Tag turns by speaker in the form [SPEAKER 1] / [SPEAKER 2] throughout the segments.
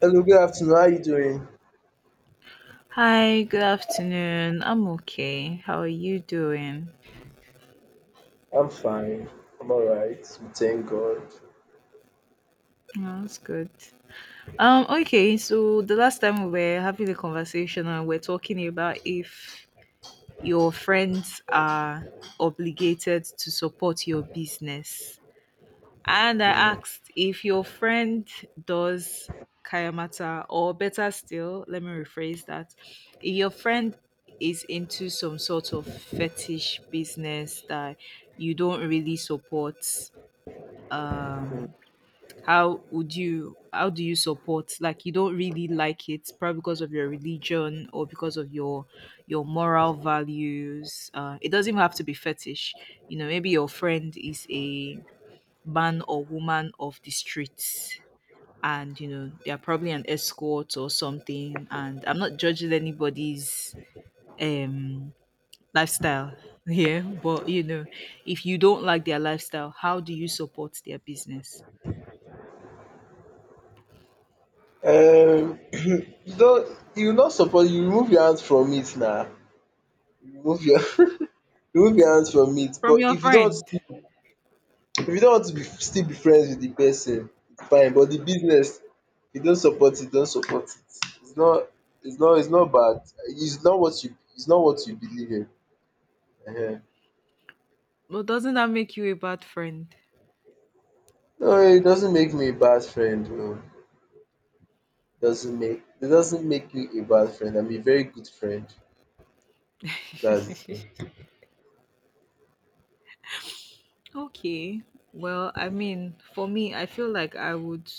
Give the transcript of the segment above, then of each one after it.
[SPEAKER 1] Hello, good afternoon. How are you doing?
[SPEAKER 2] Hi, good afternoon. I'm okay. How are you doing?
[SPEAKER 1] I'm fine. I'm all right. We thank God.
[SPEAKER 2] Oh, that's good. Okay, so the last time we were having a conversation and we're talking about if your friends are obligated to support your business. And I
[SPEAKER 1] Mm.
[SPEAKER 2] asked if your friend does kayamata, or better still, let me rephrase that. If your friend is into some sort of fetish business that you don't really support, um, how do you support, like, you don't really like it, probably because of your religion or because of your moral values. It doesn't even have to be fetish, you know, maybe your friend is a man or woman of the streets, and you know they are probably an escort or something. And I'm not judging anybody's um lifestyle here, but you know, if you don't like their lifestyle, how do you support their business
[SPEAKER 1] Um, you don't, you're not supposed, you remove your hands from it now. Remove your, remove your hands from it.
[SPEAKER 2] from
[SPEAKER 1] But
[SPEAKER 2] your friend?
[SPEAKER 1] if you don't want to be, still be friends with the person, it's fine. But the business, you don't support it, don't support it. It's not, it's not, it's not bad. It's not what you, it's not what you believe in. uh
[SPEAKER 2] Well, doesn't that make you a bad friend?
[SPEAKER 1] No, it doesn't make me a bad friend. No. Doesn't make it doesn't make you a bad friend. I'm a very good friend. That's it.
[SPEAKER 2] Okay. Well, I mean, for me, I feel like I would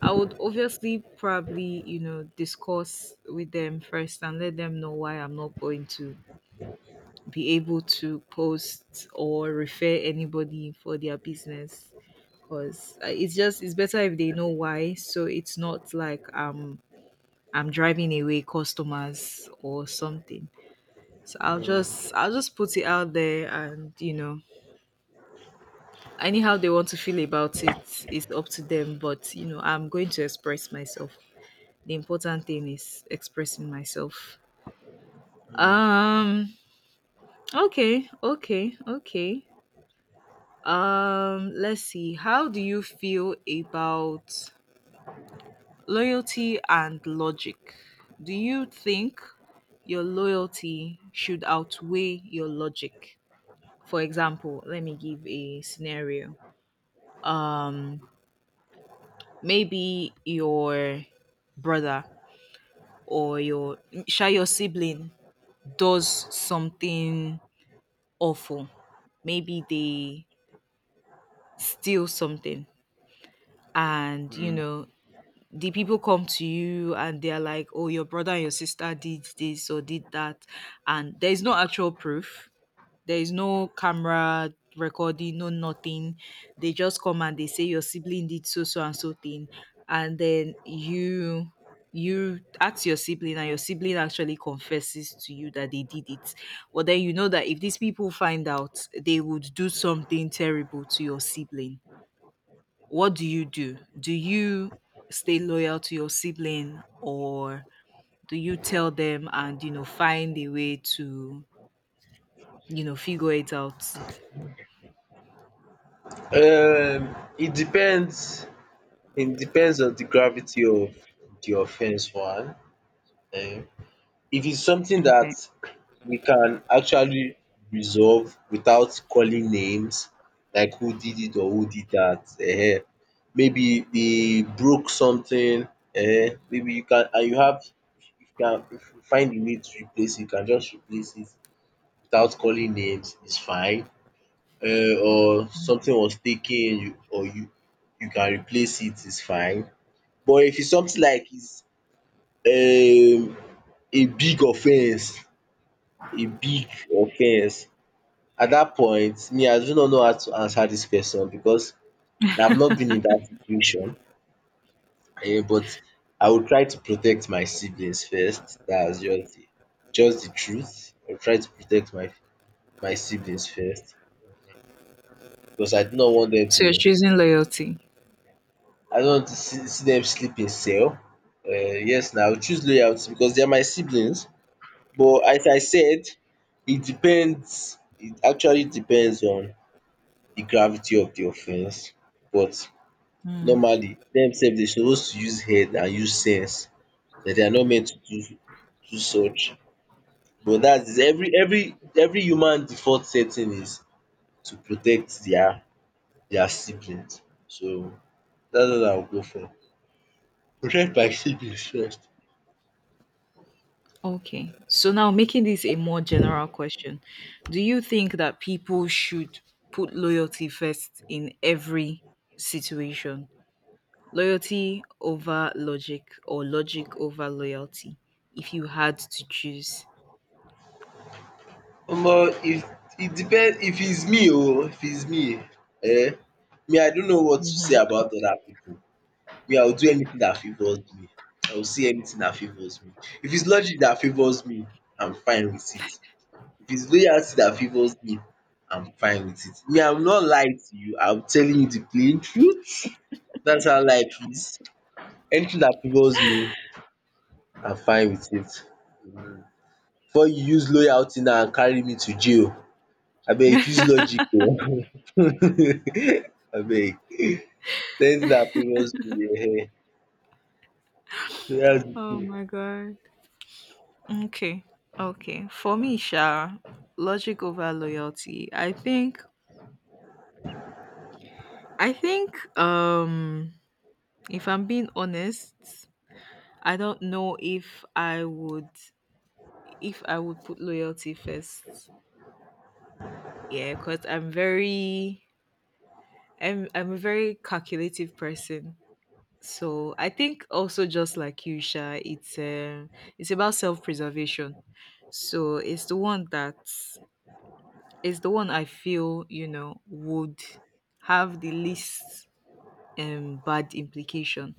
[SPEAKER 2] I would obviously probably, you know, discuss with them first and let them know why I'm not going to be able to post or refer anybody for their business, because it's just, it's better if they know why, so it's not like, I'm driving away customers or something. So I'll
[SPEAKER 1] Mm.
[SPEAKER 2] just I'll just put it out there and, you know, anyhow they want to feel about it is up to them, but you know, I'm going to express myself. The important thing is expressing myself. um okay, okay, okay. Let's see, how do you feel about loyalty and logic? Do you think your loyalty should outweigh your logic? For example, let me give a scenario. um Maybe your brother or your sha your sibling does something awful. Maybe they steal something, and you know, the people come to you and they're like, oh, your brother and your sister did this or did that, and there's no actual proof. There is no camera recording, no nothing. They just come and they say your sibling did so so and so thing, and then you ask your sibling and your sibling actually confesses to you that they did it. But then you know that if these people find out, they would do something terrible to your sibling. What do you do? Do you stay loyal to your sibling, or do you tell them and, you know, find a way to, you know, figure it out?
[SPEAKER 1] It depends. It depends on the gravity of the offense. Um, if it's something that
[SPEAKER 2] Okay.
[SPEAKER 1] we can actually resolve without calling names, like who did it or who did that. Maybe they broke something. Maybe you can and you have. If you can if you find the need to replace it, you can just replace it. Without calling names is fine, or something was taken you or you you can replace it is fine. But if it's something like it's um a big offence, a big offence, at that point me I do not know how to answer this person because I have not been in that situation but I will try to protect my siblings first. That's just the truth. I will try to protect my siblings first because I do not want them
[SPEAKER 2] So you're
[SPEAKER 1] to
[SPEAKER 2] choosing loyalty.
[SPEAKER 1] I don't want to see see dem sleep in cell. Yes now I will choose loyalty because they are my siblings but as I said it depends, it actually depends on the gravity of the offence but
[SPEAKER 2] Mm,
[SPEAKER 1] normally dem they dey suppose to use head and use sense that they are not meant to do do such but that is every human default setting is to protect their siblings, so that's what I will go for. Protect my siblings first.
[SPEAKER 2] okay. So now making this a more general question, do you think that people should put loyalty first in every situation? Loyalty over logic, or logic over loyalty, if you had to choose?
[SPEAKER 1] Omo if it depends if it's me oo, if it's me I don't know what to say about other pipu. Me I will do anything dat favours me, I will say anything dat favours me. If it's logic dat favours me, I'm fine with it. If it's loyalty dat favours me, I'm fine with it. Me I will not lie to you, I'm telling you the plain truth. That's how life is. Anything dat favours me, I'm fine with it. Before you use loyalty now and carry me to jail. Abeg use logic o. Abeg ten t dat previous bill ehen, so dats de
[SPEAKER 2] Oh
[SPEAKER 1] tin.
[SPEAKER 2] my God. Okay. Okay. For me, Sha, logic over loyalty. I think if I'm being honest, I don't know if I would, put loyalty first. Yeah, because I'm very, I'm a very calculative person. So I think also just like you, Sha, it's, it's about self preservation. So it's the one that, it's the one I feel, you know, would have the least bad implication.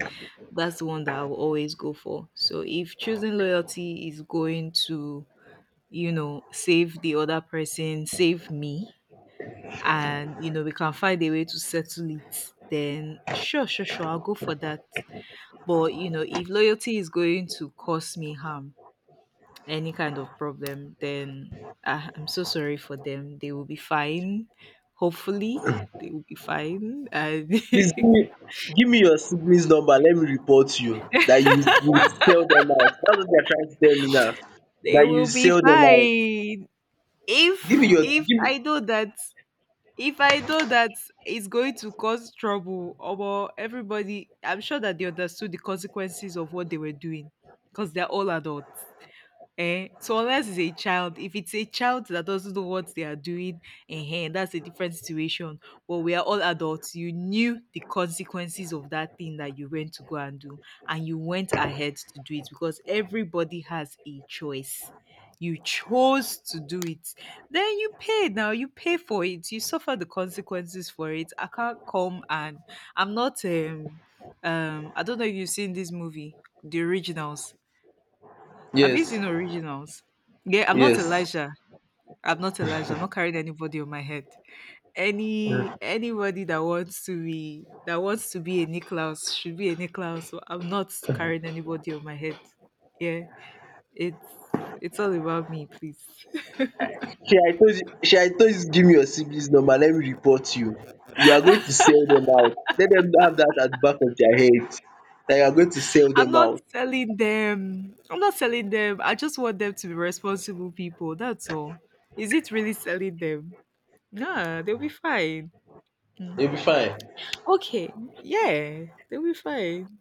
[SPEAKER 2] That's the one that I will always go for. So if choosing loyalty is going to, you know, save the other person, save me, and you know, we can find a way to settle it, then sure, sure, sure, I'll go for that. But you know, if loyalty is going to cause me harm, any kind of problem, then ah, I'm so sorry for them. They will be fine. Hopefully, they will be fine. And
[SPEAKER 1] Please give me your siblings number let me report you dat you you sell dem out, dats what you are trying to tell me now,
[SPEAKER 2] they
[SPEAKER 1] dat you
[SPEAKER 2] will be
[SPEAKER 1] sell dem out.
[SPEAKER 2] fine.
[SPEAKER 1] Give me
[SPEAKER 2] If
[SPEAKER 1] your
[SPEAKER 2] if
[SPEAKER 1] give me.
[SPEAKER 2] I know that, if I know that it's going to cause trouble, or everybody, I'm sure that they understood the consequences of what they were doing because they're all adults. Eh? So unless it's a child, if it's a child that doesn't know what they are doing, eh, that's a different situation. But we are all adults. You knew the consequences of that thing that you went to go and do, and you went ahead to do it because everybody has a choice. You chose to do it. Then you pay. Now you pay for it. You suffer the consequences for it. I can't come and, I'm not um I don't know if you've seen this movie, The Originals. Have you
[SPEAKER 1] Yes,
[SPEAKER 2] seen Originals? Yeah, I'm not
[SPEAKER 1] yes,
[SPEAKER 2] Elijah. I'm not Elijah. I'm not carrying anybody on my head. Anybody that wants to be, a Nicklaus should be a Nicklaus. So I'm not carrying anybody on my head. Yeah. It's it's all about me, please.
[SPEAKER 1] shey I told you, shey I told you, give me your siblings number let me report you. You are going to sell dem out, let dem have dat at the back of their head, dat you are going to sell
[SPEAKER 2] I'm
[SPEAKER 1] dem
[SPEAKER 2] not
[SPEAKER 1] out.
[SPEAKER 2] selling them. I'm not selling them. I just want them to be responsible people. That's all. Is it really selling them? Nah, they'll be fine. Mm.
[SPEAKER 1] You will be fine.
[SPEAKER 2] Okay. Yeah, they'll be fine.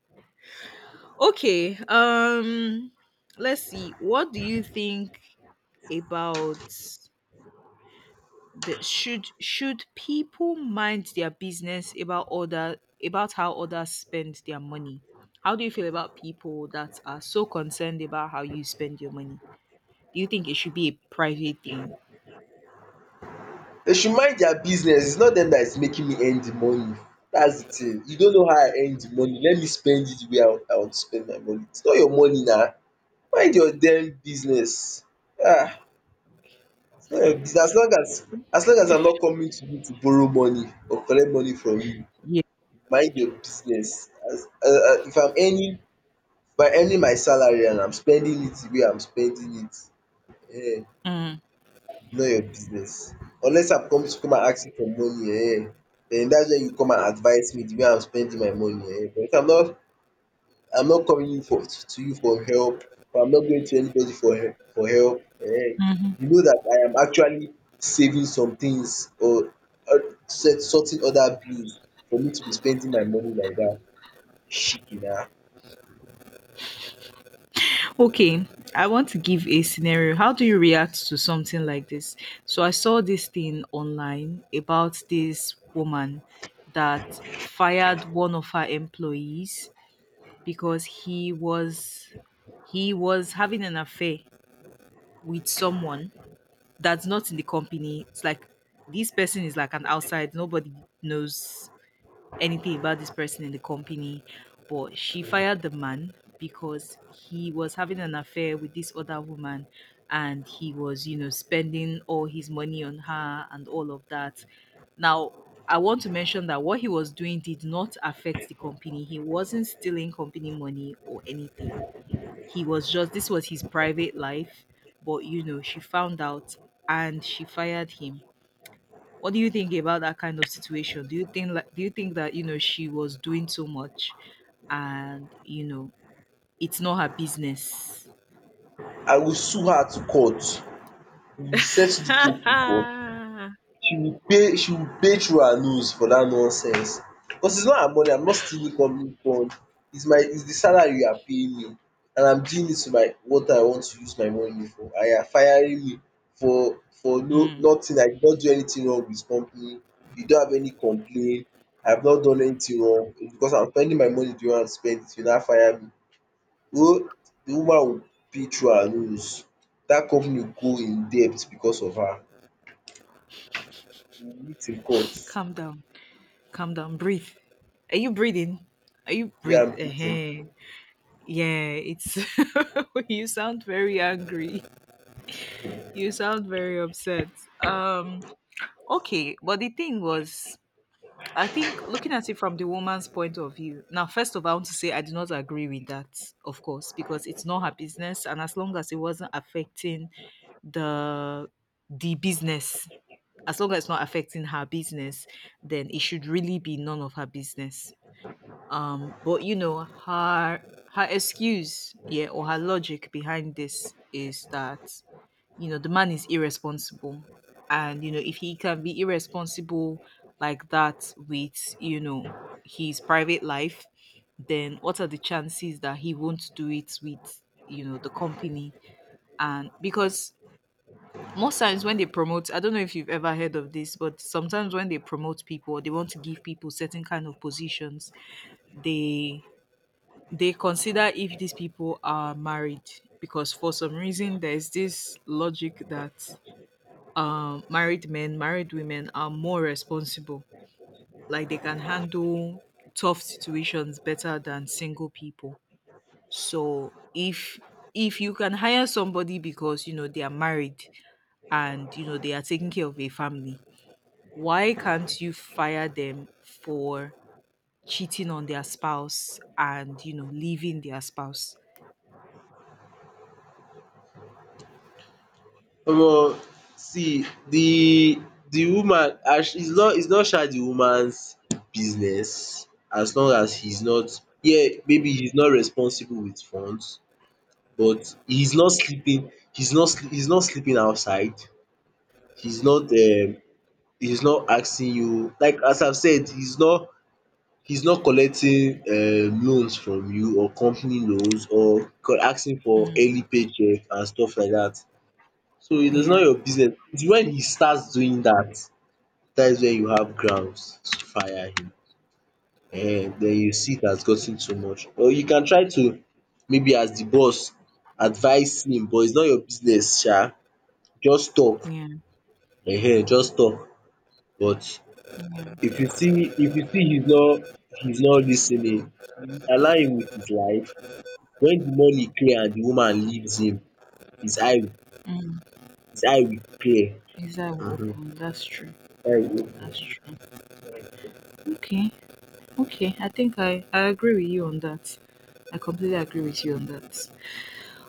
[SPEAKER 2] Okay. Let's see. What do you think about the, should people mind their business about other, about how others spend their money? How do you feel about people that are so concerned about how you spend your money? Do you think it should be a private thing?
[SPEAKER 1] Dey should mind their business, it's not dem that is making me earn the money. That's the thing. You don't know how I earn the money, let me spend it the way I want to spend my money. It's not your money na. Mind your damn business. um It's not your business. As long as I'm not coming to you to borrow money or collect money from you,
[SPEAKER 2] Yeah.
[SPEAKER 1] mind your business. As If I'm earning, if I'm earning my salary and I'm spending it the way I'm spending it, um
[SPEAKER 2] Mm.
[SPEAKER 1] know your business. Unless I come to come and ask you for money, um den dats wen you come and advice me de way I'm spending my money, but if I'm not I'm not coming you for to you for help or I'm not going to anybody for help for help, you
[SPEAKER 2] Mhm.
[SPEAKER 1] know dat I am actually saving some things or uh, set sorting other bills for me to be spending my money like dat. Shikena!
[SPEAKER 2] Okay, I want to give a scenario. How do you react to something like this? So I saw this thing online about this woman that fired one of her employees because he was having an affair with someone that's not in the company. It's like this person is like an outside, nobody knows anything about this person in the company, but she fired the man because he was having an affair with this other woman and he was, you know, spending all his money on her and all of that. Now, I want to mention that what he was doing did not affect the company. He wasn't stealing company money or anything. He was just, this was his private life, but you know, she found out and she fired him. What do you think about that kind of situation? Do you think, like, do you think that, you know, she was doing too much and, you know, it's not her business?
[SPEAKER 1] I will sue her to court. We will settle de case in court. She will pay she will pay through her nose for dat nonsense because it's not her money, I'm not stealing government fund, it's my it's the salary you are paying me and I'm doing it to my what I want to use my money for and you are firing me for no
[SPEAKER 2] Mm.
[SPEAKER 1] nothing, I did not do anything wrong with company, you don't have any complaint, I've not done anything wrong. It's because I'm spending my money the way I want to spend it, you now fire me. Oh, the woman will pay through her nose, dat company will go in debt because of her, we will meet in court.
[SPEAKER 2] Calm down. Calm down. Breathe. Are you breathing? Are you
[SPEAKER 1] Yeah,
[SPEAKER 2] breathe?
[SPEAKER 1] I'm thinking.
[SPEAKER 2] Yeah, it's, you sound very angry. You sound very upset. Um okay, but the thing was, I think looking at it from the woman's point of view, now, first of all, I want to say I do not agree with that, of course, because it's not her business. And as long as it wasn't affecting the the business, as long as it's not affecting her business, then it should really be none of her business. But you know, her, excuse, yeah, or her logic behind this is that, you know, the man is irresponsible. And, you know, if he can be irresponsible like that with, you know, his private life, then what are the chances that he won't do it with, you know, the company? And because most times when they promote, I don't know if you've ever heard of this, but sometimes when they promote people, or they want to give people certain kind of positions. They they consider if these people are married, because for some reason there's this logic that, married men, married women are more responsible. Like they can handle tough situations better than single people. So if you can hire somebody because you know they are married and you know they are taking care of a family, why can't you fire them for cheating on their spouse and, you know, leaving their spouse?
[SPEAKER 1] Omo, see the woman as it's not it's not the woman's business as long as he's not, yeah, maybe he's not responsible with funds but he's not sleeping he's not slee he's not sleeping outside, he's not um he's not asking you like as I've said he's not collecting loans from you or company loans or co- asking for
[SPEAKER 2] Mm,
[SPEAKER 1] early paycheck and stuff like that. So it is not
[SPEAKER 2] yeah.
[SPEAKER 1] your business. It's when he starts doing that, that is when you have grounds to fire him. And then you see it has gotten too much. Or you can try to maybe as the boss advise him, but it's not your business sha. Just talk,
[SPEAKER 2] Yeah,
[SPEAKER 1] ehen just talk. But
[SPEAKER 2] yeah.
[SPEAKER 1] if you see he's not listening, allow him with his life. When the money clear and the woman leaves him, his eye
[SPEAKER 2] Mm,
[SPEAKER 1] his eye will clear.
[SPEAKER 2] visa will
[SPEAKER 1] um
[SPEAKER 2] open. That's true.
[SPEAKER 1] Eye will
[SPEAKER 2] That's true.
[SPEAKER 1] open.
[SPEAKER 2] Okay, okay. I think I agree with you on that. I completely agree with you on that.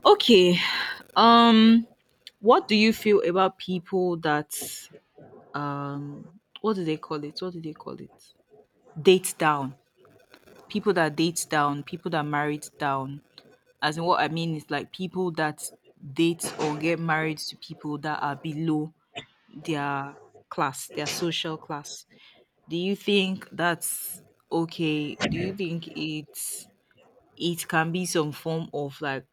[SPEAKER 2] Okay. Um, what do you feel about people that, um, what do they call it? What do they call it? Date down. People that date down. People that married down. As in, what I mean is like people that date or get married to people that are below their class, their social class. Do you think that's okay? Do you think it's, it can be some form of like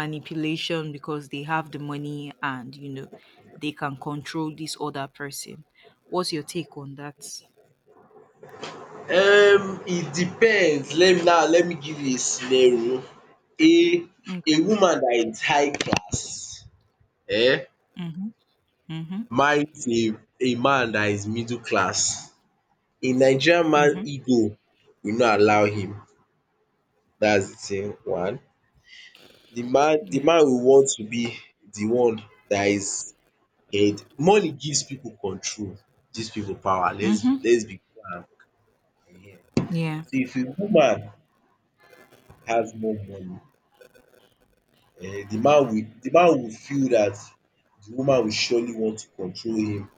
[SPEAKER 2] manipulation because they have the money and, you know, they can control this other person? What's your take on that?
[SPEAKER 1] It depends, let me now let me give you a scenario, a a
[SPEAKER 2] Okay.
[SPEAKER 1] woman that is high class um
[SPEAKER 2] Mhm. Mhm.
[SPEAKER 1] marries a man that is middle class, a Nigerian man
[SPEAKER 2] Mhm.
[SPEAKER 1] ego will not allow him. That's the thing one, the
[SPEAKER 2] Yeah.
[SPEAKER 1] man will want to be the one that is head. Money gives people control, gives people power.
[SPEAKER 2] Mhm.
[SPEAKER 1] Let's be frank. um
[SPEAKER 2] Yeah.
[SPEAKER 1] so if a woman has more money, the man will feel that the woman will surely want to control him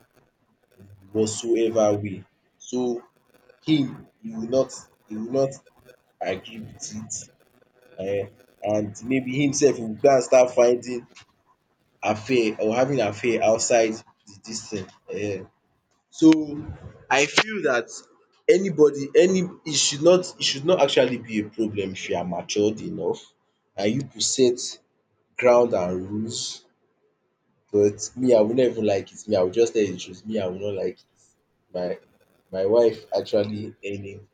[SPEAKER 1] whatsoever way. So him he will not agree with it. And maybe himself he will go and start finding affair or having affair outside the dis thing. um. So I feel that anybody any e should not actually be a problem if you are matured enough and you to set ground and rules. But me I will not even like it. Me I will just tell you the truth, me I will not like it. My my wife actually earning,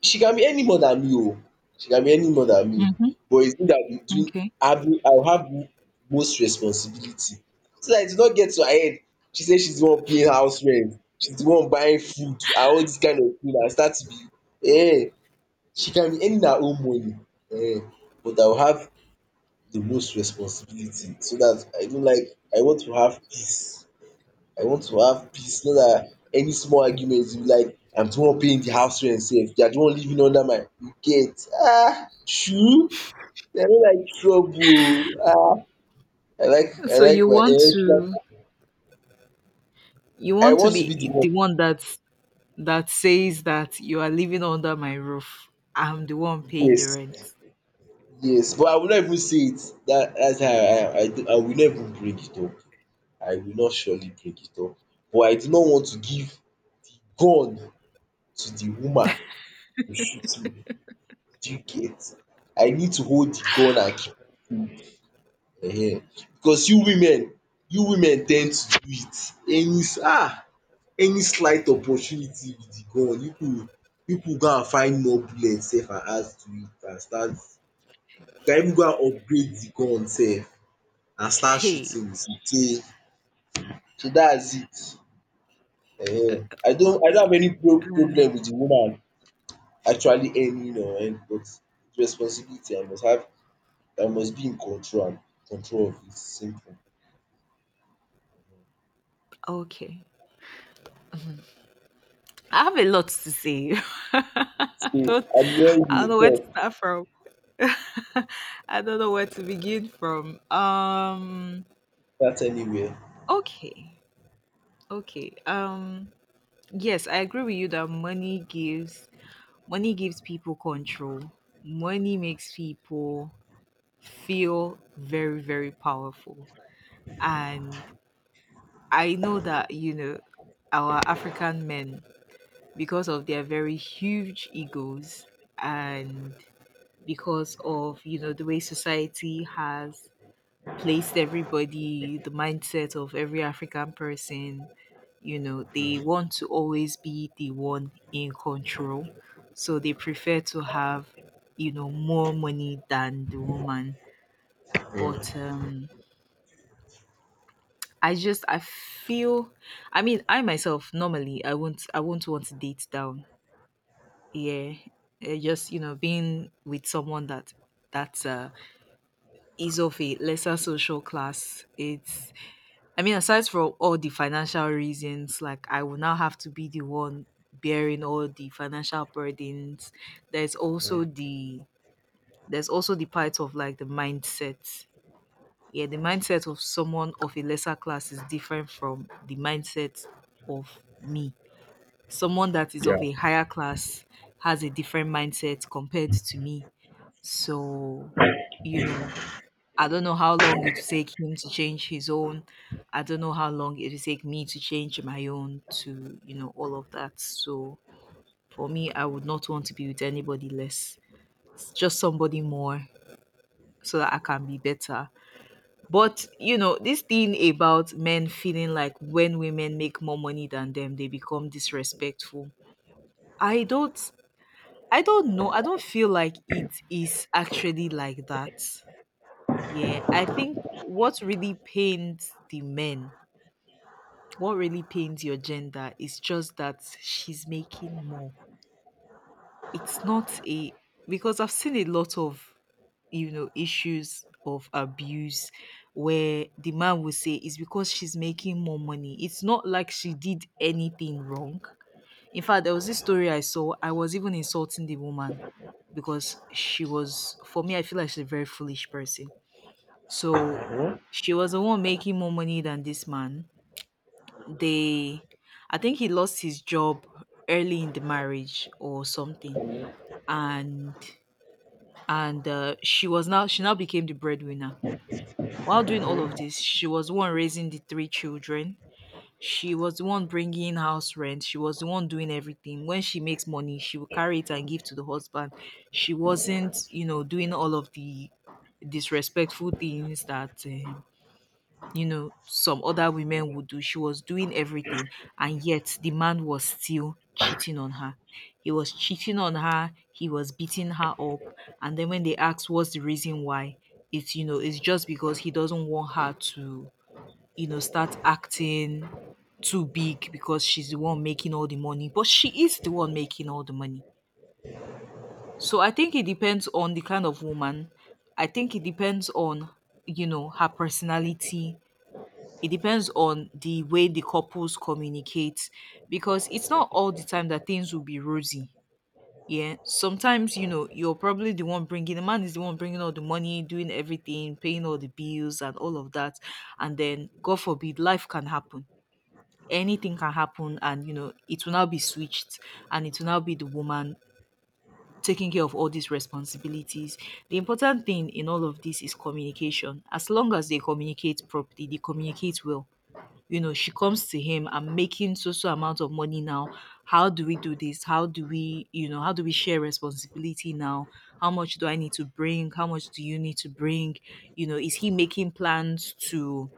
[SPEAKER 1] she can be any more than me. Oh, she can be any more than me
[SPEAKER 2] Mhm.
[SPEAKER 1] but it's me that will do.
[SPEAKER 2] Okay.
[SPEAKER 1] Having I will have m- most responsibility so that it will not get to her head, she say she's the one paying house rent, she's the one buying food and all this kind of thing and start to be. Eh, she can be earning her own money. Eh, but I will have the most responsibility so that I don't like I want to have peace. I want to have peace so dat any small argument you be like I'm the one paying the house rent sef, you are the one living under my you get I no like trouble o. I
[SPEAKER 2] So
[SPEAKER 1] like
[SPEAKER 2] you
[SPEAKER 1] my
[SPEAKER 2] want
[SPEAKER 1] um
[SPEAKER 2] to, you
[SPEAKER 1] I
[SPEAKER 2] want to
[SPEAKER 1] want to be the
[SPEAKER 2] be the
[SPEAKER 1] one.
[SPEAKER 2] one that, that says that you are living under my roof. I'm the one paying the
[SPEAKER 1] Yes,
[SPEAKER 2] rent.
[SPEAKER 1] yes, but I will not even say it. That, that's how I will not even bring it up, I will not surely bring it up but I do not want to give the gun to the woman to shoot me, do you get? I need to hold the gun and keep, um because you women, you women ten d to do it any slight opportunity with the gun you pipu go and find more bullet sef and add to it and start you can even go and upgrade the gun sef and start
[SPEAKER 2] Hey.
[SPEAKER 1] shooting with it, so so dats it. I don't have
[SPEAKER 2] Okay,
[SPEAKER 1] any pro problem with the woman actually earning or earn, but responsibility I must have, I must be in control am control of it, simple.
[SPEAKER 2] okay. I have a lot to say. I
[SPEAKER 1] So
[SPEAKER 2] don't,
[SPEAKER 1] I dey hear
[SPEAKER 2] I
[SPEAKER 1] you dey
[SPEAKER 2] don't know where
[SPEAKER 1] talk.
[SPEAKER 2] to start from. I don't know where to begin from.
[SPEAKER 1] That's anywhere.
[SPEAKER 2] Okay, okay. Yes, I agree with you that money gives, money gives people control. Money makes people feel very, very powerful. And I know that our African men because of their very huge egos and because of the way society has placed everybody, the mindset of every African person. They want to always be the one in control, so they prefer to have, more money than the woman. But I feel, I mean, I myself, normally, I won't want to date down. Yeah. Just, you know, being with someone that is of a lesser social class, it's, I mean, aside from all the financial reasons, like, I will now have to be the one bearing all the financial burdens. there's also the there's also the part of, like, the mindset. Yeah, the mindset of someone of a lesser class is different from the mindset of me. Someone that is of a higher class has a different mindset compared to me. So, you know, I don't know how long it will take him to change his own. I don't know how long it will take me to change my own, to, you know, all of that. So for me, I would not want to be with anybody less. It's just somebody more, so that I can be better. But, you know, this thing about men feeling like when women make more money than them, they become disrespectful. I don't I don't know. I don't feel like it is actually like that. Yeah, I think what really pains the men, what really pains your gender, is just that she's making more. It's not a, because I've seen a lot of, you know, issues of abuse where the man will say it's because she's making more money. It's not like she did anything wrong. In fact, there was this story I saw. I was even insulting the woman, because she was, for me, I feel like she's a very foolish person. So, she was the one making more money than this man. They, I think he lost his job early in the marriage or something, and she was now, she now became the breadwinner. While doing all of this, she was the one raising the 3 children. She was the one bringing house rent. She was the one doing everything. When she makes money, she will carry it and give to the husband. She wasn't, you know, doing all of the disrespectful things that you know, some other women would do. She was doing everything. And yet the man was still cheating on her. He was cheating on her. He was beating her up. And then when they asked what's the reason why, it's, you know, it's just because he doesn't want her to, you know, start acting too big because she's the one making all the money. But she is the one making all the money. So I think it depends on the kind of woman. I think it depends on, you know, her personality. It depends on the way the couples communicate, because it's not all the time that things will be rosy. Yeah. Sometimes, you know, you're probably the one bringing, the man is the one bringing all the money, doing everything, paying all the bills and all of that. And then, God forbid, life can happen. Anything can happen. And, you know, it will now be switched. And it will now be the woman taking care of all these responsibilities. The important thing in all of this is communication. As long as they communicate properly, they communicate well, you know, she comes to him, I'm making so so amount of money now. How do we do this? How do we, you know, how do we share responsibility now? How much do I need to bring? How much do you need to bring? You know, is he making plans to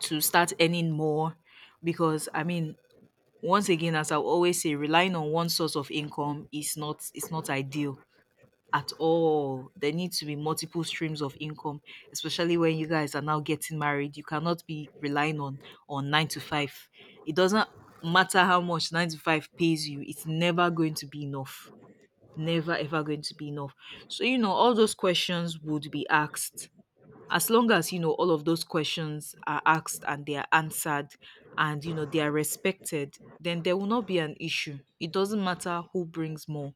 [SPEAKER 2] start earning more? Because I mean, once again, as I always say, relying on one source of income is not ideal at all. There need to be multiple streams of income, especially when you guys are now getting married. You cannot be relying on nine to five. It doesn't matter how much nine to five pays you, it's never going to be enough. Never ever going to be enough. So, you know, all those questions would be asked. As long as, you know, all of those questions are asked and they are answered and, you know, they are respected, then there will not be an issue. It doesn't matter who brings more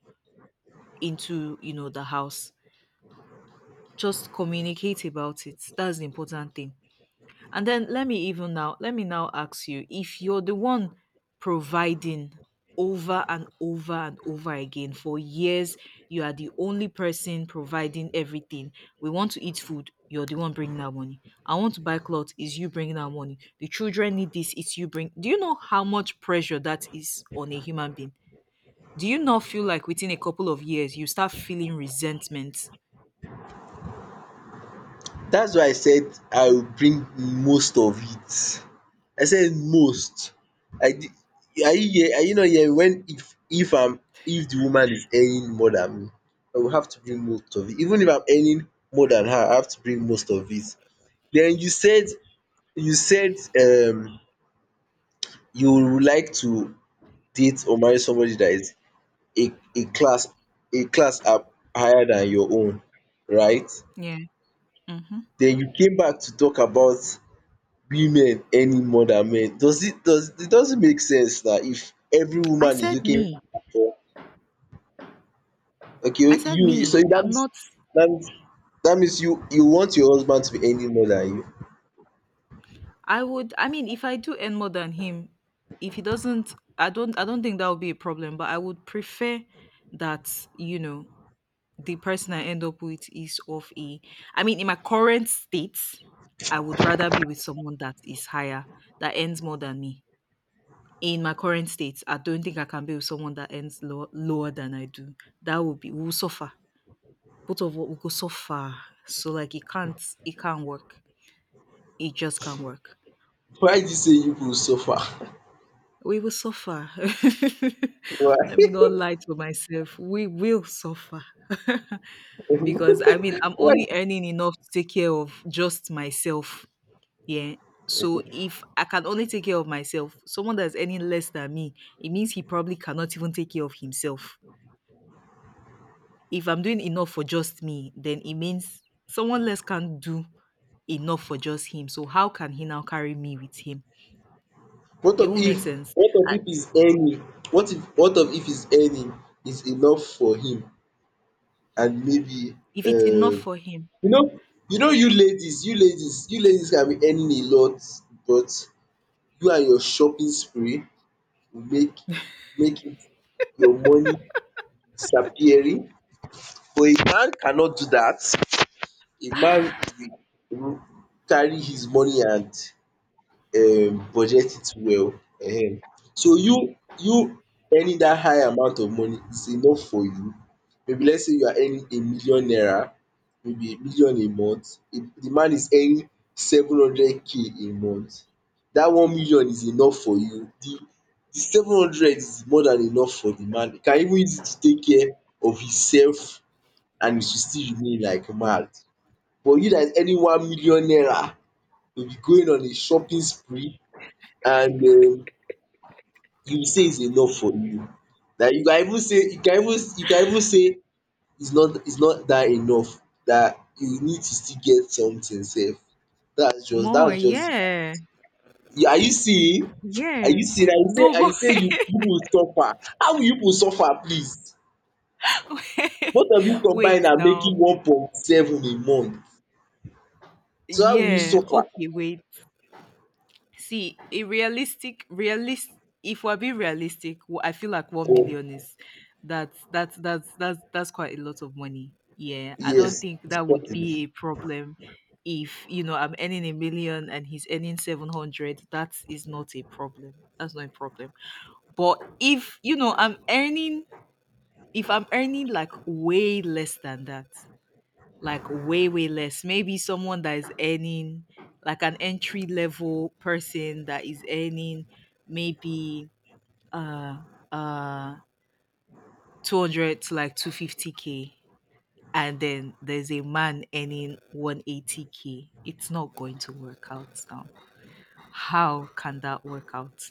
[SPEAKER 2] into, you know, the house, just communicate about it. That's the important thing. And then let me even now, let me now ask you, if you're the one providing over and over and over again for years, you are the only person providing everything. We want to eat food, you're the one bringing out money. I want to buy clothes, is you bringing out money. The children need this, it's you bring. Do you know how much pressure that is on a human being? Do you not feel like within a couple of years you start feeling resentment?
[SPEAKER 1] That's why I said I will bring most of it. I said most. I di are you hear are you not hearing when if I'm if the woman is earning more than me, I will have to bring most of it. Even if I'm earning more than her, I have to bring most of it. Then you said you said you would like to date or marry somebody that is a a class a class up higher than your own, right?
[SPEAKER 2] Yeah. Mhm.
[SPEAKER 1] Then you came back to talk about women earning more than men. Does it doesn't make sense that if every
[SPEAKER 2] I
[SPEAKER 1] woman is
[SPEAKER 2] said
[SPEAKER 1] looking
[SPEAKER 2] me.
[SPEAKER 1] for, okay,
[SPEAKER 2] I said
[SPEAKER 1] you, so
[SPEAKER 2] me.
[SPEAKER 1] that
[SPEAKER 2] I'm
[SPEAKER 1] means
[SPEAKER 2] not.
[SPEAKER 1] that means that means you you want your husband to be earning more than you.
[SPEAKER 2] I would, I mean, if I do earn more than him, if he doesn't, I don't think that would be a problem, but I would prefer that, you know, the person I end up with is of a, I mean, in my current state, I would rather be with someone that is higher, that earns more than me. In my current state, I don't think I can be with someone that earns low, lower than I do. That would be, we will suffer. Both of us will go suffer. So, like, it can't work. It just can't work.
[SPEAKER 1] Why do you say you go suffer?
[SPEAKER 2] We will suffer.
[SPEAKER 1] Why?
[SPEAKER 2] Let me not lie to myself. We will suffer. Because I mean, I'm
[SPEAKER 1] Why?
[SPEAKER 2] only earning enough to take care of just myself. Yeah. So if I can only take care of myself, someone that's earning less than me, it means he probably cannot even take care of himself. If I'm doing enough for just me, then it means someone less can't do enough for just him. So how can he now carry me with him?
[SPEAKER 1] What
[SPEAKER 2] It
[SPEAKER 1] of
[SPEAKER 2] won't
[SPEAKER 1] if
[SPEAKER 2] make sense.
[SPEAKER 1] what of
[SPEAKER 2] Uh,
[SPEAKER 1] if he's earning what if what of if his earning is enough for him and maybe
[SPEAKER 2] If it's enough
[SPEAKER 1] um
[SPEAKER 2] for him,
[SPEAKER 1] you know you know you ladies you ladies you ladies can be earning a lot but you and your shopping spree will make make it your money disappearing, but a man cannot do dat, a man will will carry his money and budget it well. um so you earning dat high amount of money is enough for you. Maybe let's say you are earning a million naira, maybe a million a month, de man is earning 700K a month. Dat 1 million is enough for you, de de 700 is more than enough for de man, he can even use it to take care of himself and it will still remain like mad. But you dat is earning 1 million naira, you will be going on a shopping spree and you will say it's enough for you. That you can even say you can even say it's not that enough, that you need to still get something sef.
[SPEAKER 2] more,
[SPEAKER 1] That's just
[SPEAKER 2] yeah,
[SPEAKER 1] it. Are you seeing? Are
[SPEAKER 2] yeah.
[SPEAKER 1] you seeing?
[SPEAKER 2] No,
[SPEAKER 1] I
[SPEAKER 2] but,
[SPEAKER 1] say you you go suffer. How will you go suffer please?
[SPEAKER 2] wait,
[SPEAKER 1] Both of you combined
[SPEAKER 2] wait
[SPEAKER 1] are
[SPEAKER 2] now.
[SPEAKER 1] making 1.7 a month. So how will you
[SPEAKER 2] Yeah,
[SPEAKER 1] suffer?
[SPEAKER 2] okay, wait. See, a realistic, realist. If we're being realistic, I feel like one
[SPEAKER 1] So
[SPEAKER 2] million is, that's quite a lot of money. Yeah, I don't
[SPEAKER 1] yes,
[SPEAKER 2] think
[SPEAKER 1] it's
[SPEAKER 2] that would
[SPEAKER 1] possible.
[SPEAKER 2] be a problem. If you know I'm earning a million and he's earning seven hundred, that is not a problem. That's not a problem. But if you know I'm earning if I'm earning like way less than that, like way, way less, maybe someone that is earning, like, an entry level person that is earning, maybe uh uh 200 to like 250k, and then there's a man earning 180k, it's not going to work out now. How can that work out?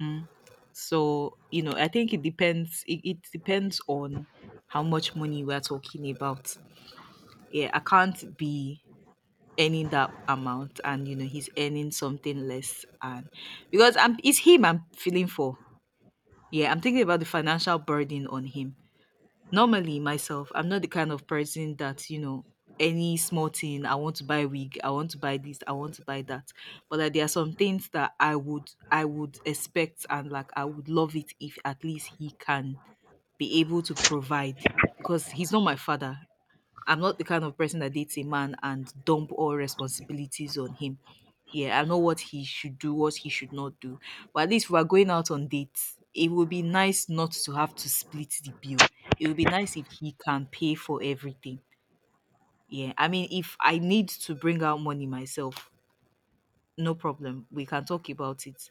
[SPEAKER 2] Mm. So, you know, I think it depends on how much money we're talking about. Yeah, I can't be earning that amount and, you know, he's earning something less, and because I'm, it's him I'm feeling for. Yeah, I'm thinking about the financial burden on him. Normally, myself, I'm not the kind of person that, you know, any small thing, I want to buy wig, I want to buy this, I want to buy that. But, like, there are some things that I would expect, and, like, I would love it if at least he can be able to provide, because he's not my father. I'm not the kind of person that dates a man and dump all responsibilities on him. Yeah, I know what he should do, what he should not do. But at least if we're going out on dates, it would be nice not to have to split the bill. It would be nice if he can pay for everything. Yeah, I mean, if I need to bring out money myself, no problem. We can talk about it,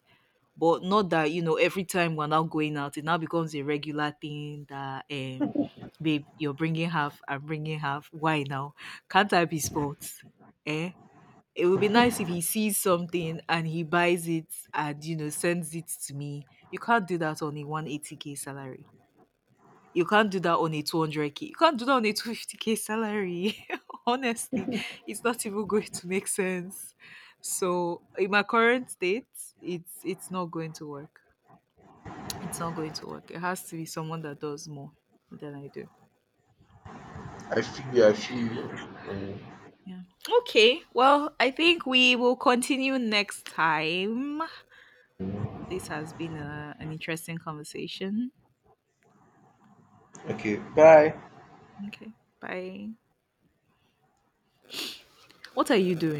[SPEAKER 2] but not that, you know, every time we're now going out it now becomes a regular thing that, babe, you're bringing half, I'm bringing half. Why now can't I be sports? Eh, it would be nice if he sees something and he buys it and, you know, sends it to me. You can't do that on a 180k salary. You can't do that on a 200k. You can't do that on a 250k salary. Honestly, it's not even going to make sense. So, in my current state, it's not going to work. It's not going to work. It has to be someone that does more than I do.
[SPEAKER 1] I feel you, I feel you. um
[SPEAKER 2] Yeah. Okay. Well, I think we will continue next time. This has been a, an interesting conversation.
[SPEAKER 1] Okay, bye.
[SPEAKER 2] Okay. Bye. What are you doing?